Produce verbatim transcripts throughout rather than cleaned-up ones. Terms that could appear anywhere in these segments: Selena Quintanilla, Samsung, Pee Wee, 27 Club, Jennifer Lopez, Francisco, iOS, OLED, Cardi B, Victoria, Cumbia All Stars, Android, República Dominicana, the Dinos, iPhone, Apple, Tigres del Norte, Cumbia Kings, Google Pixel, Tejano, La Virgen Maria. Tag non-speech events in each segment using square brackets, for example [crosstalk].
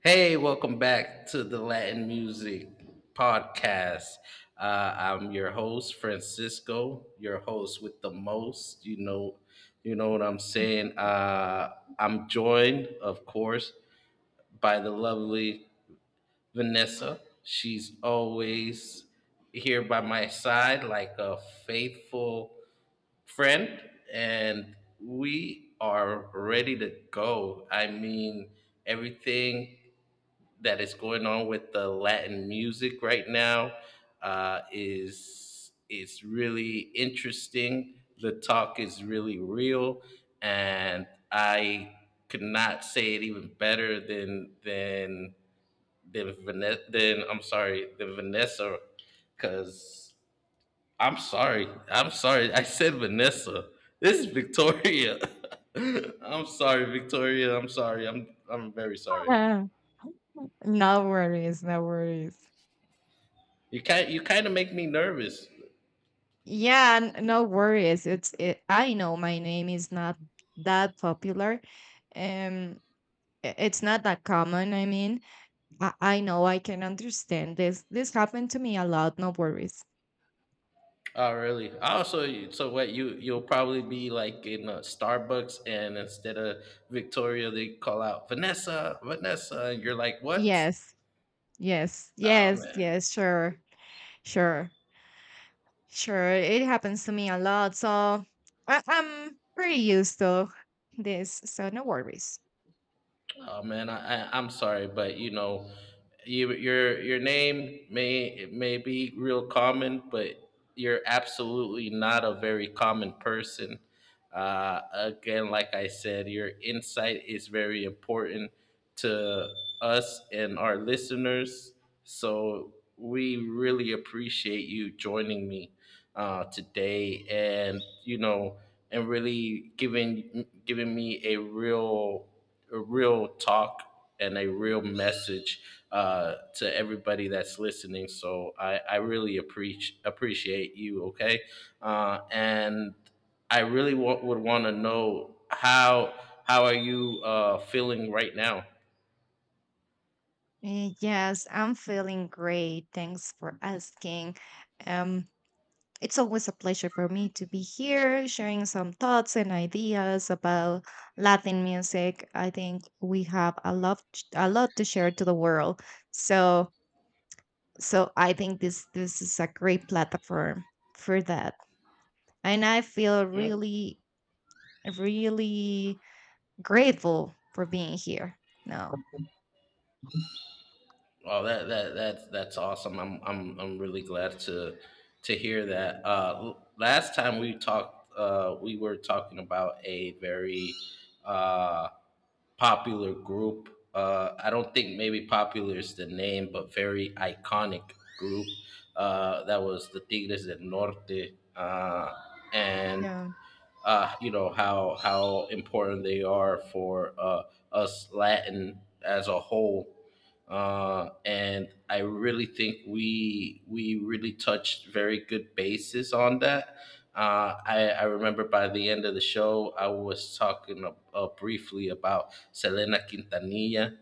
Hey, welcome back to the Latin Music Podcast. Uh, I'm your host, Francisco, your host with the most. You know, you know what I'm saying. Uh, I'm joined, of course, by the lovely Vanessa. She's always here by my side like a faithful friend, and we are ready to go. I mean, everything that is going on with the Latin music right now uh, is is really interesting. The talk is really real, and I could not say it even better than than than Vanessa. Than I'm sorry, than Vanessa, because I'm sorry, I'm sorry. I said Vanessa. This is Victoria. [laughs] I'm sorry, Victoria. I'm sorry. I'm I'm very sorry. Yeah. No worries, no worries. You kind you kind of make me nervous. Yeah, n- no worries. It's it, I know my name is not that popular. Um i- it's not that common, I mean. I, I know I can understand this. This happened to me a lot, no worries. Oh, really? Also, so what you you'll probably be like in a Starbucks, and instead of Victoria, they call out Vanessa, Vanessa, and you're like, what? Yes. Yes. Oh Yes, man. yes, sure. Sure. Sure. It happens to me a lot, so I, I'm pretty used to this, so no worries. Oh man, I, I I'm sorry, but you know, you, your your name may it may be real common, but you're absolutely not a very common person. Uh, again, like I said, your insight is very important to us and our listeners. So we really appreciate you joining me uh, today, and you know, and really giving giving me a real a real talk and a real message uh, to everybody that's listening. So I, I really appreciate appreciate you. Okay, uh, and I really wa- would want to know how how are you uh, feeling right now? Eh, Yes, I'm feeling great. Thanks for asking. Um, it's always a pleasure for me to be here sharing some thoughts and ideas about Latin music. I think we have a lot a lot to share to the world. So so I think this this is a great platform for that. And I feel Mm, really really grateful for being here. No. oh, that that that's that's awesome. I'm I'm I'm really glad to to hear that. Uh, l- last time we talked, uh, we were talking about a very uh, popular group. Uh, I don't think maybe popular is the name, but very iconic group. Uh, that was the Tigres del Norte, uh, and Yeah. uh, you know how how important they are for uh, us Latin as a whole. Uh, and I really think we we really touched very good bases on that. Uh, I, I remember by the end of the show, I was talking uh, uh, briefly about Selena Quintanilla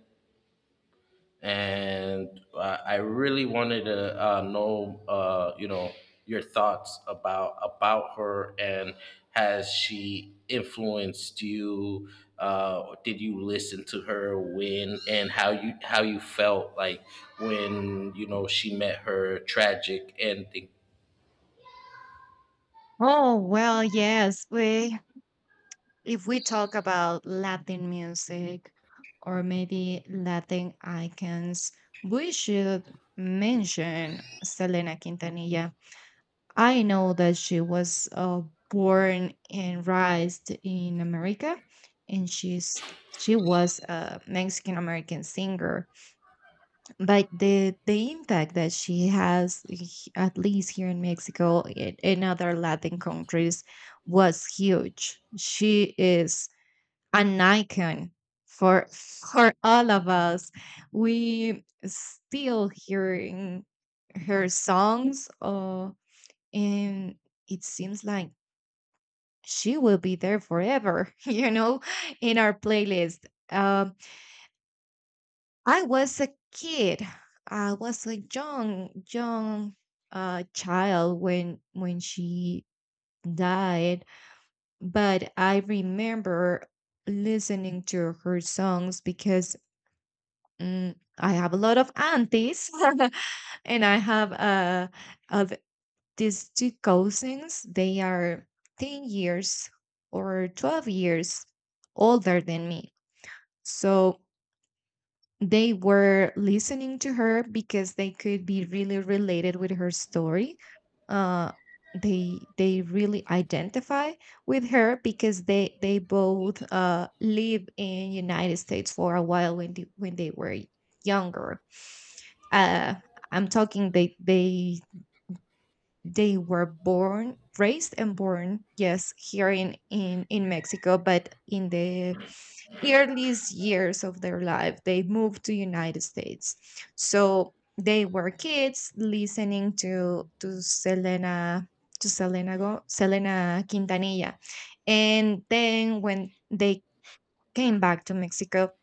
and uh, I really wanted to uh, know, uh, you know, your thoughts about about her and has she influenced you? Uh, did you listen to her when and how you how you felt like when you know she met her tragic ending? Oh, well, yes. We if we talk about Latin music or maybe Latin icons, we should mention Selena Quintanilla. I know that she was uh, born and raised in America, and she's she was a Mexican American singer. But the the impact that she has, h- at least here in Mexico and in other Latin countries, was huge. She is an icon for for all of us. We still hearing her songs, uh, and it seems like she will be there forever. [laughs] You know, in our playlist. Um, I was a kid. I was a young young uh, child when when she died, but I remember listening to her songs because Mm, I have a lot of aunties, [laughs] and I have uh of these two cousins. They are ten years or twelve years older than me. So they were listening to her because they could be really related with her story. Uh they they really identify with her because they they both uh live in United States for a while when they, when they were younger, uh, I'm talking they they they were born, raised and born, yes, here in in in Mexico, but in the earliest years of their life, they moved to United States. So they were kids listening to to Selena to Selena Go, Selena Quintanilla. And then when they came back to Mexico,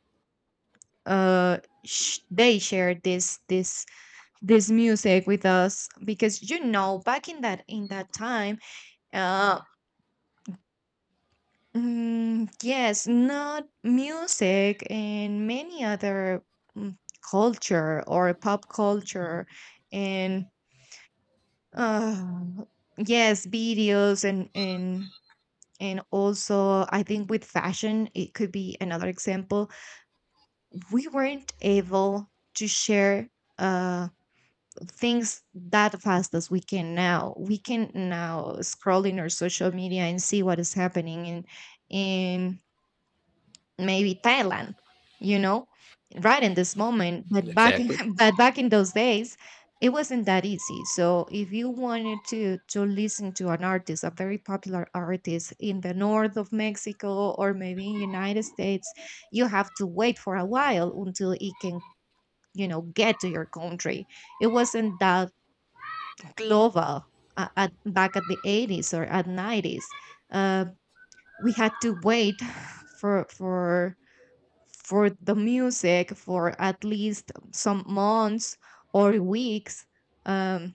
uh, sh- they shared this this this music with us because you know back in that in that time uh mm, yes not music and many other mm, culture or pop culture, and uh yes videos and and and also I think with fashion it could be another example. We weren't able to share uh things that fast as we can now. We can now scroll in our social media and see what is happening in in maybe Thailand, you know, right in this moment. But back Exactly. [laughs] but back in those days, it wasn't that easy. So if you wanted to to listen to an artist, a very popular artist in the north of Mexico or maybe in United States, you have to wait for a while until it can, you know, get to your country. It wasn't that global, uh, at, back at the eighties or at nineties. uh, we had to wait [sighs] for for for the music for at least some months or weeks, um,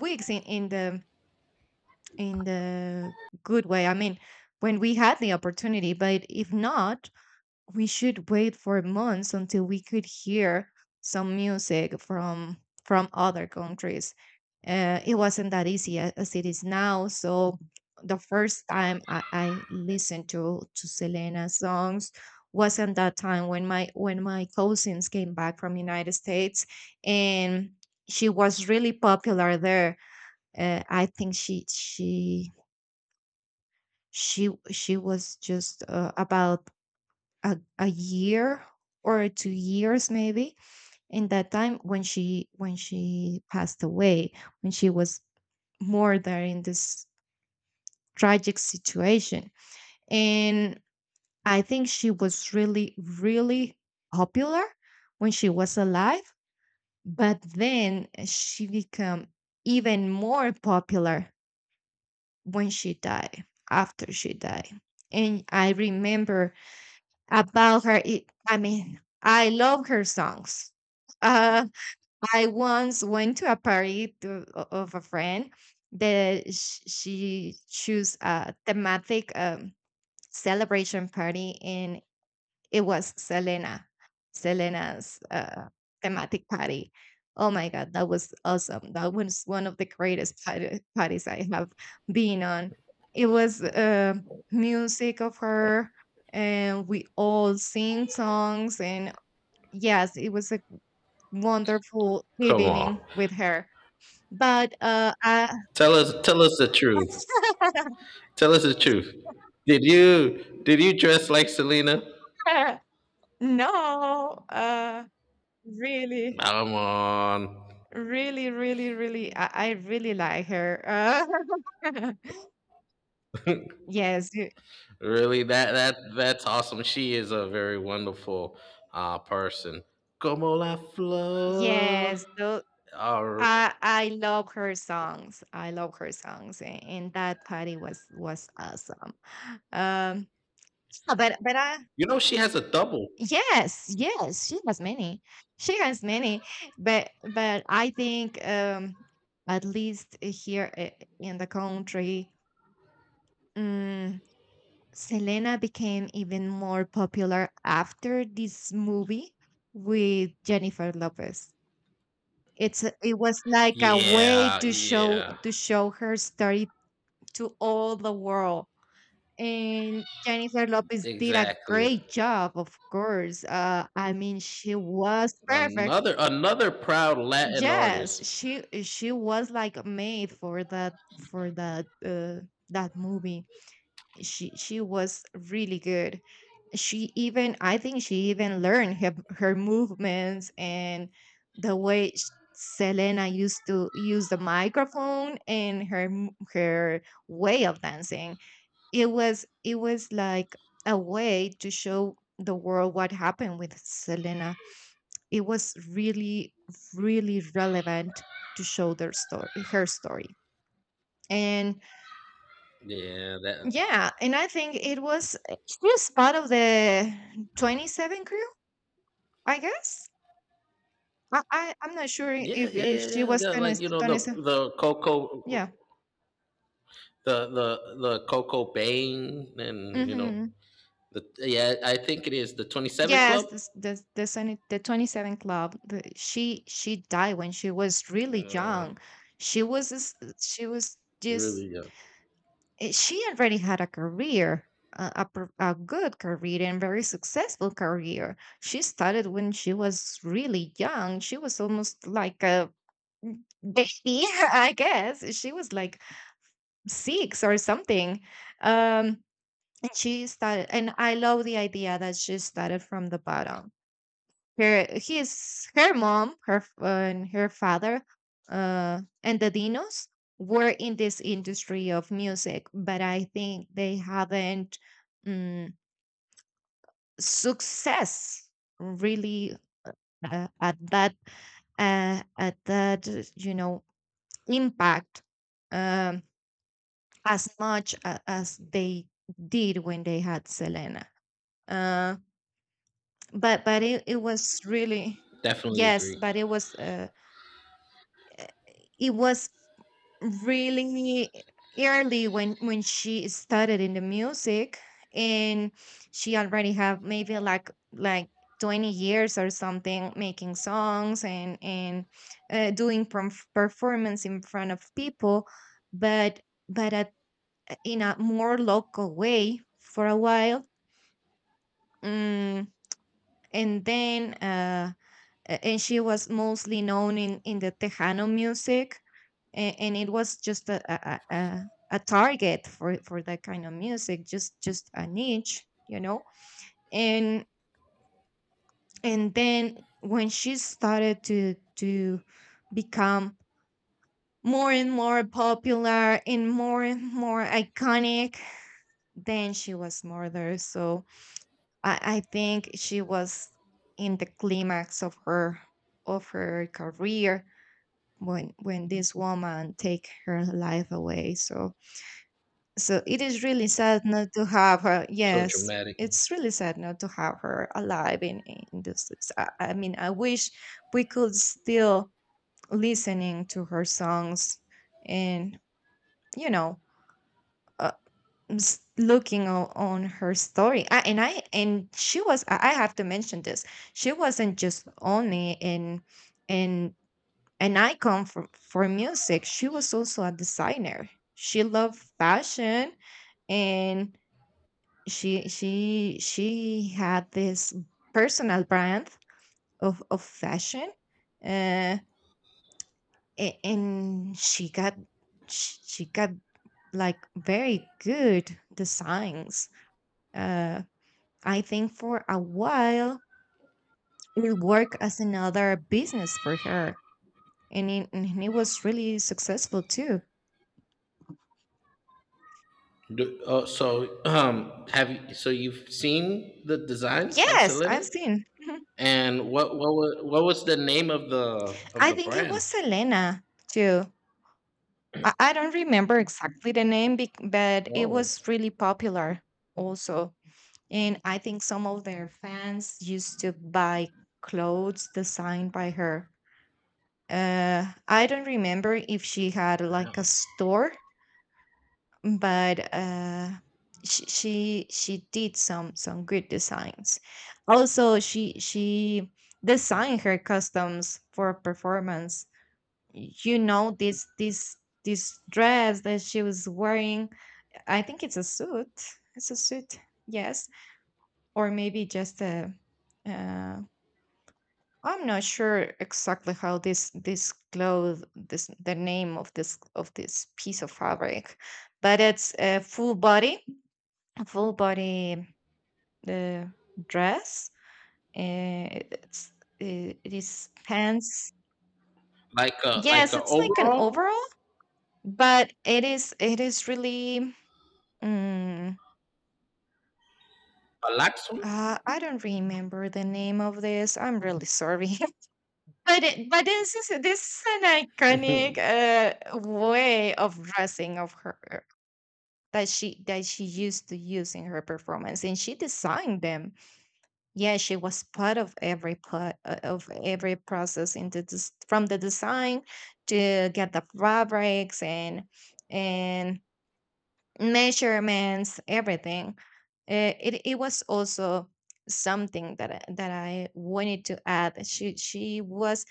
weeks in, in the in the good way I mean, when we had the opportunity, but if not we should wait for months until we could hear some music from from other countries. Uh, it wasn't that easy a- as it is now. So the first time I, I listened to to Selena songs wasn't that time when my when my cousins came back from United States, and she was really popular there. Uh, I think she she she she was just uh, about a, a year or two years maybe in that time when she when she passed away, when she was murdered in this tragic situation. And I think she was really really popular when she was alive, but then she became even more popular when she died, after she died. And I remember about her. It, I mean, I love her songs. Uh, I once went to a party to, o- of a friend that sh- she chose a thematic um, celebration party in it was Selena, Selena's uh, thematic party. Oh my God, that was awesome. That was one of the greatest party- parties I have been on. It was uh, music of her, and we all sing songs. And yes, it was a wonderful Come on, evening with her. But uh, I, tell us tell us the truth. [laughs] Tell us the truth. Did you did you dress like Selena? no, uh, really. Come on. Really, really, really, I, I really like her. Uh, [laughs] yes, y- Really, that that that's awesome. She is a very wonderful uh, person. Como la flor. yes. So Our, I I love her songs. I love her songs, and, and that party was was awesome. Um, yeah, but but I you know, she has a double. yes, yes, she has many. She has many, but but I think um at least here uh, in the country. mm, Selena became even more popular after this movie with Jennifer Lopez. It's a- it was like a way Yeah, to show yeah, to show her story to all the world. And Jennifer Lopez did a exactly. great job, of course. Uh, I mean, she was perfect. Another another proud Latin Yes, artist. she she was like made for that for that uh, that movie. she she was really good. She even I think she even learned her, her movements and the way sh- Selena used to use the microphone and her m- her way of dancing. It was it was like a way to show the world what happened with Selena. It was really really relevant to show their story her story. And Yeah, that. yeah, and I think it was eh, she was part of the twenty-seven crew, I guess. I, I I'm not sure Yeah, if yeah, if yeah, she yeah, was yeah, kind of like you stepped know on the eso. the Coco, Yeah. the the the Coco Bane, and you know hmm the yeah. I think it is the Twenty Seven Yes, Club. this, this, the Senate, the twenty-seven Club. The, she she died when she was really Uh, young. She was s- she was just really, yeah. eh, she already had a career, a, a pro- a good career and very successful career. She started when she was really young. She was almost like a Mm, they [laughs] I guess she was like six or something. Um, and she started, and I love the idea that she started from the bottom. Her his her mom, her f- uh, and her father, uh, and the Dinos were in this industry of music, but I think they haven't um, success really uh, at that uh, at that, you know, impact, um as much a- as they did when they had Selena. Uh, but but it, it was really Definitely yes, agree. but it was uh, it was really early when when she started in the music, and she already have maybe like like twenty years or something making songs and and uh, doing perf- performance in front of people. But but at, in a more local way for a while. Mm, and then, uh, a- and she was mostly known in, in the Tejano music, and and it was just a, a, a, a a target for, for that kind of music, just just a niche, you know. And and then when she started to to become more and more popular and more and more iconic, then she was murdered. So I, I think she was in the climax of her of her career when when this woman take her life away. So so it is really sad not to have her. So Yes, dramatic. it's really sad not to have her alive in in this. it's- I, I mean, I wish we could still listening to her songs and you know was looking o- on her story. I, and I and She was i I have to mention this, she wasn't just only in in an icon for for music. She was also a designer. She loved fashion. And she she she had this personal brand of of fashion, uh a- and she got sh- she got like very good designs. uh I think for a while it worked as another business for her, and it, and it was really successful too. Do, oh, so um, have you? So you've seen the designs of Yes, I've Selena, seen. Mhm. and what what was, what was the name of the of I the think it brand? was Selena too. I, I don't remember exactly the name, bec- but it Oh, was really popular also. And I think some of their fans used to buy clothes designed by her. Uh, I don't remember if she had like a store, but uh, she, she she did some some good designs. Also, she she designed her customs for performance. You know this this this dress that she was wearing. I think it's a suit. It's a suit, yes, or maybe just a. Uh, I'm not sure exactly how this this cloth this the name of this of this piece of fabric, but it's a full body full body uh, dress. Uh, it's uh, it is pants. like a like Yes, a it's like an overall, overall, but it is it is really. Mm, a Laxum. uh, I don't remember the name of this. I'm really sorry, [laughs] but it, but this is this is an iconic [laughs] uh, way of dressing of her that she that she used to use in her performance, and she designed them. Yeah, she was part of every part uh, of every process in the des- from the design to get the fabrics and and measurements, everything. Uh, it it was also something that I- that I wanted to add. She she was,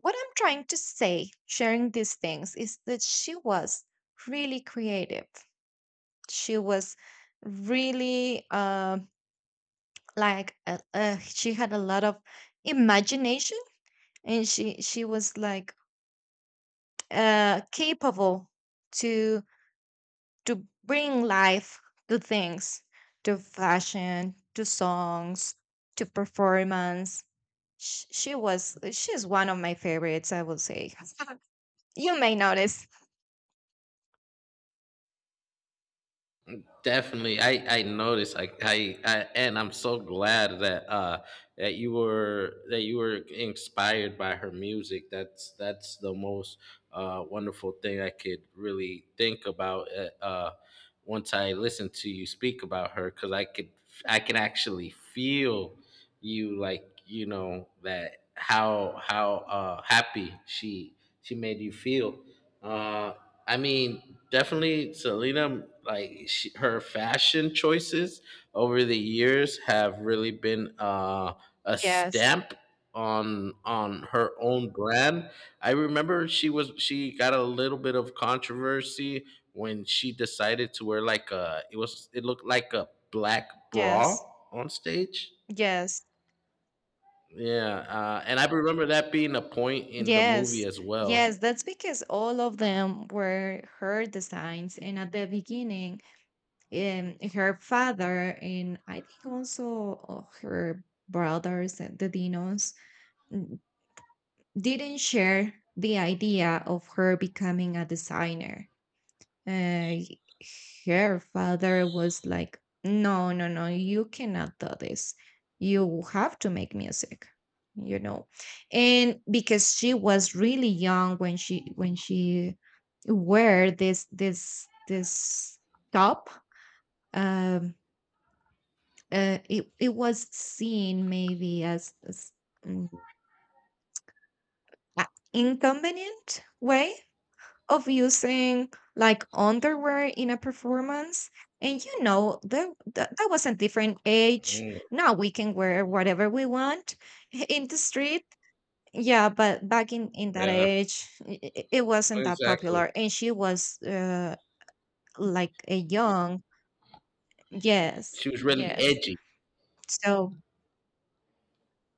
what I'm trying to say, sharing these things, is that she was really creative. She was really um like uh, uh, she had a lot of imagination, and she she was like uh capable to to bring life to things, to fashion, to songs, to performance. Sh- she was she's one of my favorites, I would say. [laughs] You may notice. Definitely, I I noticed. I, I I and I'm so glad that uh that you were that you were inspired by her music. That's that's the most uh wonderful thing I could really think about. Uh, uh once I listened to you speak about her, because I could I can actually feel you like you know that how how uh happy she she made you feel uh, I mean definitely Selena, like she, her fashion choices over the years have really been uh a Yes, stamp on on her own brand. I remember she was she got a little bit of controversy when she decided to wear like a, it was, it looked like a black bra yes, on stage. yes, Yeah, uh, and I remember that being a point in the movie yes, as well. yes, that's because all of them were her designs. And at the beginning, and her father, and I think also uh, her brothers, uh, the Dinos, n- didn't share the idea of her becoming a designer. Uh, he- Her father was like, no, no, no, you cannot do this. You have to make music, you know. And because she was really young when she when she wore this this this top, um, uh, it it was seen maybe as, as mm, a inconvenient way of using like underwear in a performance. And you know that, that that was a different age. Mm, Now we can wear whatever we want [laughs] in the street. Yeah, but back in in that yeah, age, it, it wasn't that exactly. popular, and she was uh, like a It, young. Yes, she was really yes, edgy. so.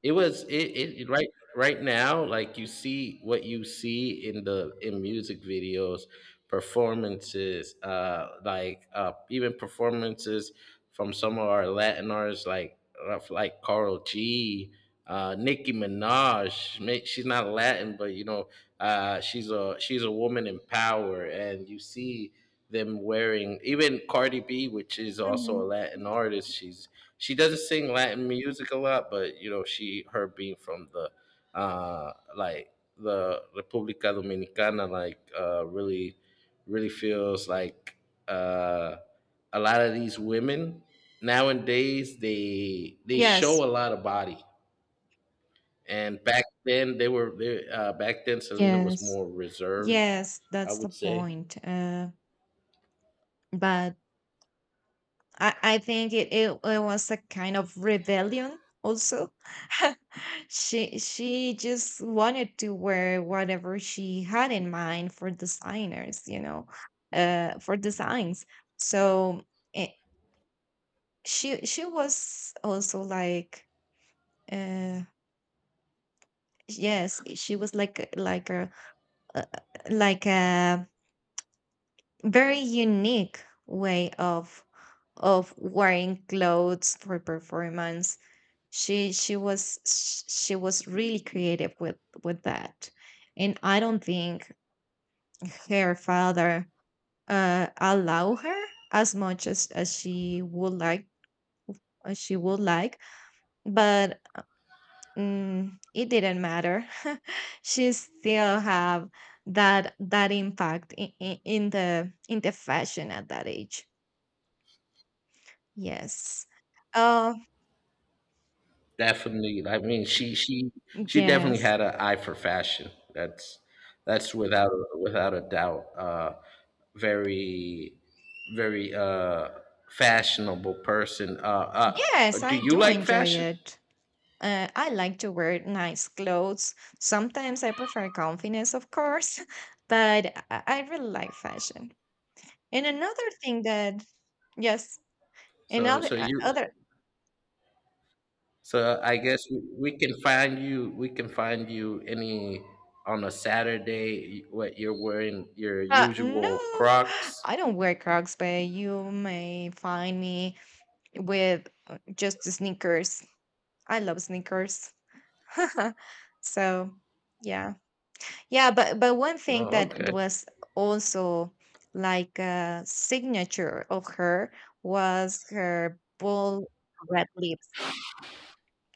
It was it, it it- right right now. Like you see what you see in the in music videos, performances, uh, like uh, even performances from some of our Latin artists, like uh, like Carl G uh, Nicki Minaj. Ma- she's not Latin, but you know, uh, she's a she's a woman in power, and you see them wearing even Cardi B, which is also a Mhm. Latin artist. She's she doesn't sing Latin music a lot, but you know, she her being from the uh, like the República Dominicana, like uh, really really feels like uh, a lot of these women nowadays they they Yes, show a lot of body, and back then, they were they, uh, back then, Selena was yes. more reserved, Yes, I that's the would say. point. Uh, but I, I think it, it, it was a kind of rebellion also. [laughs] she she just wanted to wear whatever she had in mind for designers, you know, uh, for designs. So, it, she she was also like uh yes, she was like a- like a uh, like a very unique way of of wearing clothes for performance. She she was sh- she was really creative with with that, and I don't think her father uh, allow her as much as as she would like, as she would like, but mm, it didn't matter. [laughs] She still have that that impact in, in, in the in the fashion at that age. Yes. Oh Definitely, I mean, she she she definitely yes. had an eye for fashion. That's that's without a, without a doubt. Uh, very very uh, fashionable person. Uh, uh, Yes, do I you do like enjoy fashion? it. Uh, I like to wear nice clothes. Sometimes I prefer confidence, of course, [laughs] but I, I really like fashion. And another thing that, yes, So another so uh, you other so I guess we, we can find you. We can find you any on a Saturday. What you're wearing your uh, no, usual [gasps] Crocs. I don't wear Crocs, but you may find me with uh, just sneakers. I love sneakers. [laughs] So, yeah. Yeah, but but one thing Oh, that okay. was also like a signature of her was her bold red lips.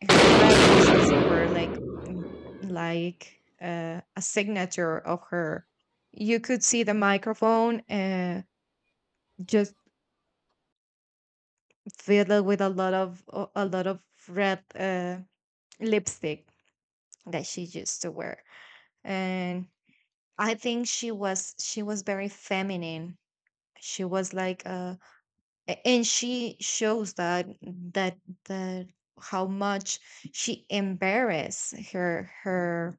Her red lips also were like mm, like uh, a signature of her. You could see the microphone uh, just filled with a lot of a a lot of red uh, lipstick that she used to wear, and I think she was she was very feminine. She was like a A- and she shows that that that how much she embarrassed her her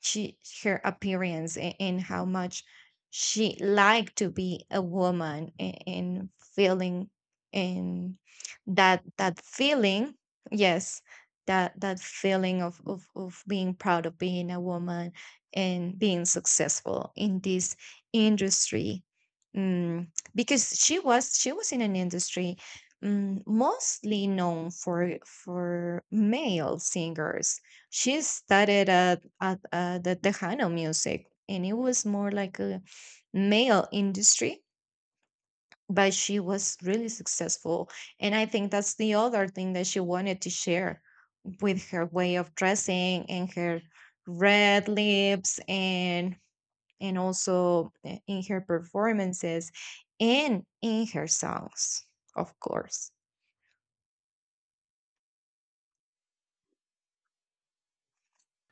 she her appearance, and, and how much she liked to be a woman and, and feeling and that that feeling, yes, that that feeling of, of of being proud of being a woman and being successful in this industry. mm, because she was she was in an industry mm, mostly known for for male singers. She started at at uh, the Tejano music, and it was more like a male industry. But she was really successful, and I think that's the other thing that she wanted to share with her way of dressing and her red lips and and also uh, in her performances and in her songs, of course.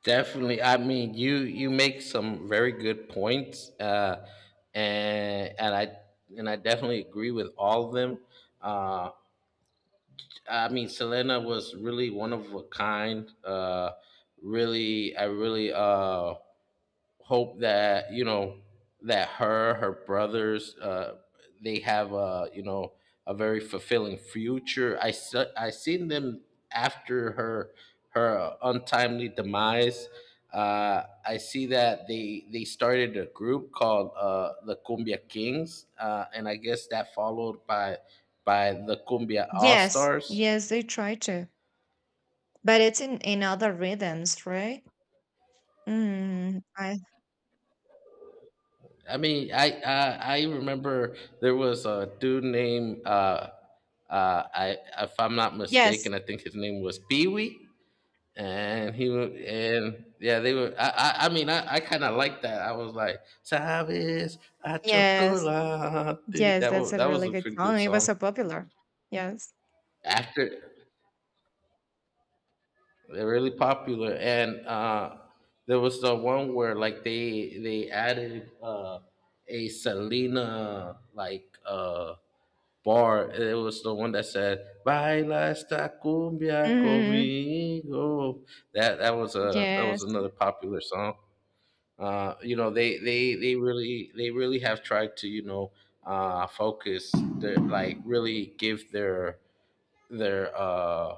Definitely. I mean, you you make some very good points, uh, and and I and I definitely agree with all of them. Uh, I mean, Selena was really one of a kind. Uh, really, I really uh, hope that you know that her her brothers uh they have a, you know, a very fulfilling future. i se- I seen them after her her untimely demise. Uh, I see that they they started a group called uh the Cumbia Kings, uh, and I guess that followed by by the Cumbia All Yes, Stars. yes, they try to, but it's in in other rhythms, right? mm, I, I mean, I, I I remember there was a dude named uh, uh, I if I'm not yes. mistaken, I think his name was Pee Wee, and he wa- and yeah, they were. I I, I mean, I, I kind of liked that. I was like, "Sabes a Yes, chocolate." yes, That that's was a that was really a good pretty good song. It was song. so popular. Yes. After they're really popular, and uh, there was the one where like they they added uh, a Selena like, uh, bar. It was the one that said "Baila esta cumbia Hmm. conmigo." That that was a that was Yes, another popular song. Uh, you know, they they they really they really have tried to you know uh, focus their like really give their their uh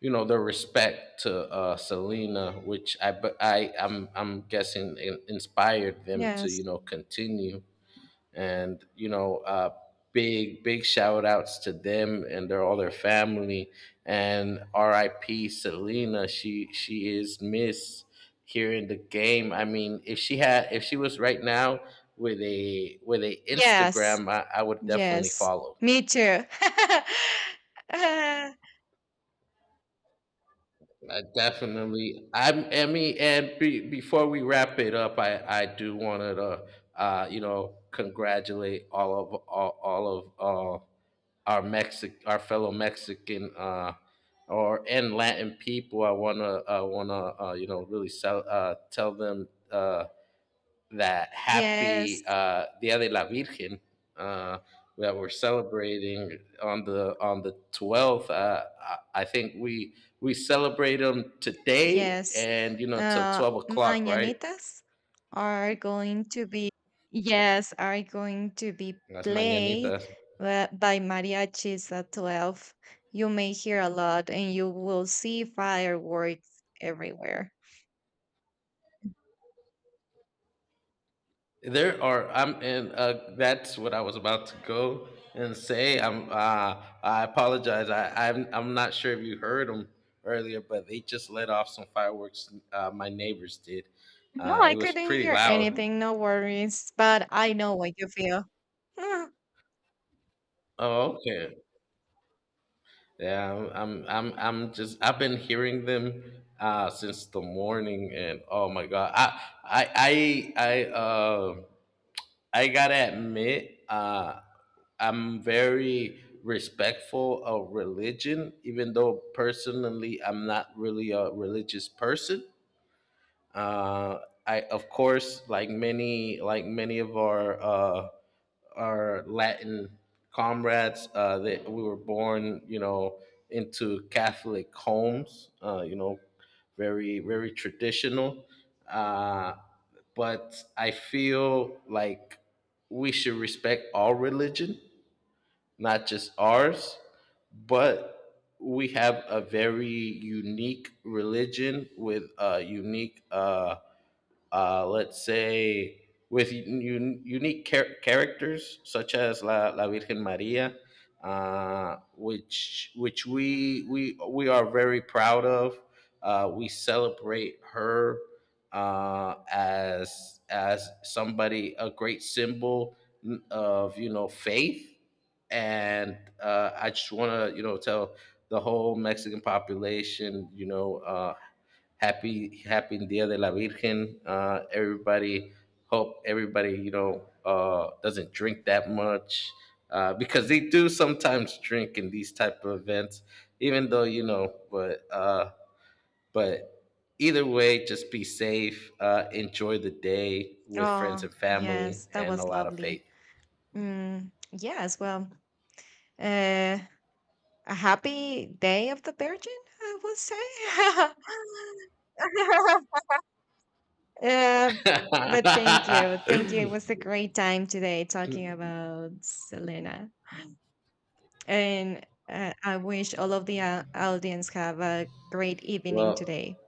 you know their respect to uh Selena, which I, but I I'm I'm guessing, in, inspired them to you yes, know continue and you know uh, big big shout outs to them and their all their family and RIP Selena. she she is missed here in the game. I mean, if she had, if she was right now with a with a yes, Instagram, i, I would definitely yes. follow. Me too. [laughs] Uh, I definitely. I'm Emmy, and be, before we wrap it up, I I do want to, uh, you know, congratulate all of all, all of uh, our Mexic, our fellow Mexican, uh, or and Latin people. I wanna, I wanna, uh, you know, really sell, uh, tell them uh, that yes, happy uh, Dia de la Virgen uh, that we're celebrating on the on the twelfth. Uh, I, I think we we celebrate them today, yes. and you know, till Uh, twelve o'clock, right? Mañanitas are going to be, yes, are going to be Las played mañanitas. uh, by mariachis at twelve. You may hear a lot, and you will see fireworks everywhere. There are I'm and uh, that's what I was about to go and say. I'm uh, I apologize. I I'm, I'm not sure if you heard them earlier, but they just let off some fireworks. Uh, my neighbors did. No, Uh, I it was couldn't pretty hear loud. anything, no worries, but I know what you feel. Mm. Oh, okay. Yeah, I'm I'm I'm I'm just I've been hearing them uh since the morning and oh my God. I I I I uh I gotta admit, uh I'm very respectful of religion, even though personally I'm not really a religious person. Uh, I of course, like many, like many of our uh, our Latin comrades, uh, that we were born, you know, into Catholic homes. Uh, you know, very very traditional. Uh, but I feel like we should respect all religion, not just ours, but we have a very unique religion with a unique uh, uh, let's say, with un- unique char- characters such as La, La Virgen Maria, uh, which which we we we are very proud of. Uh, we celebrate her uh, as as somebody a great symbol of you know faith, and uh, I just want to you know tell the whole Mexican population you know uh, happy happy Dia de la Virgen. Uh, everybody, hope everybody you know uh, doesn't drink that much uh, because they do sometimes drink in these type of events, even though you know. But uh, but either way, just be safe. Uh, enjoy the day with friends Oh, and family, yes, that and a was lot of lovely. faith. Mm, yes, well, uh, a happy day of the Virgin, I will say. [laughs] Uh, but [laughs] thank you. Thank you. It was a great time today talking about Selena. And uh, I wish all of the uh, audience have a great evening Well, today.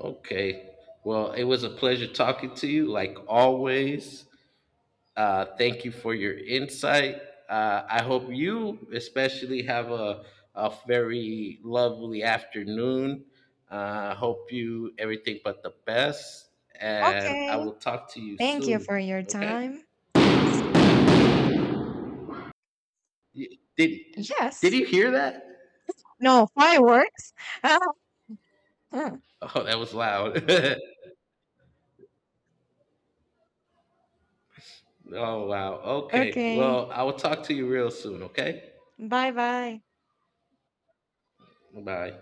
okay. Well, it was a pleasure talking to you, like always. Uh, thank you for your insight. Uh, I hope you especially have a, a very lovely afternoon. Uh, hope you everything but the best, and I Okay. will talk to you Thank you soon. for your Okay? time. Y- Did Did Yes. you hear that? No, fireworks. [laughs] Oh, that was loud. [laughs] Oh wow. Okay. Okay. Well, I will talk to you real soon. Okay. Bye bye. Bye.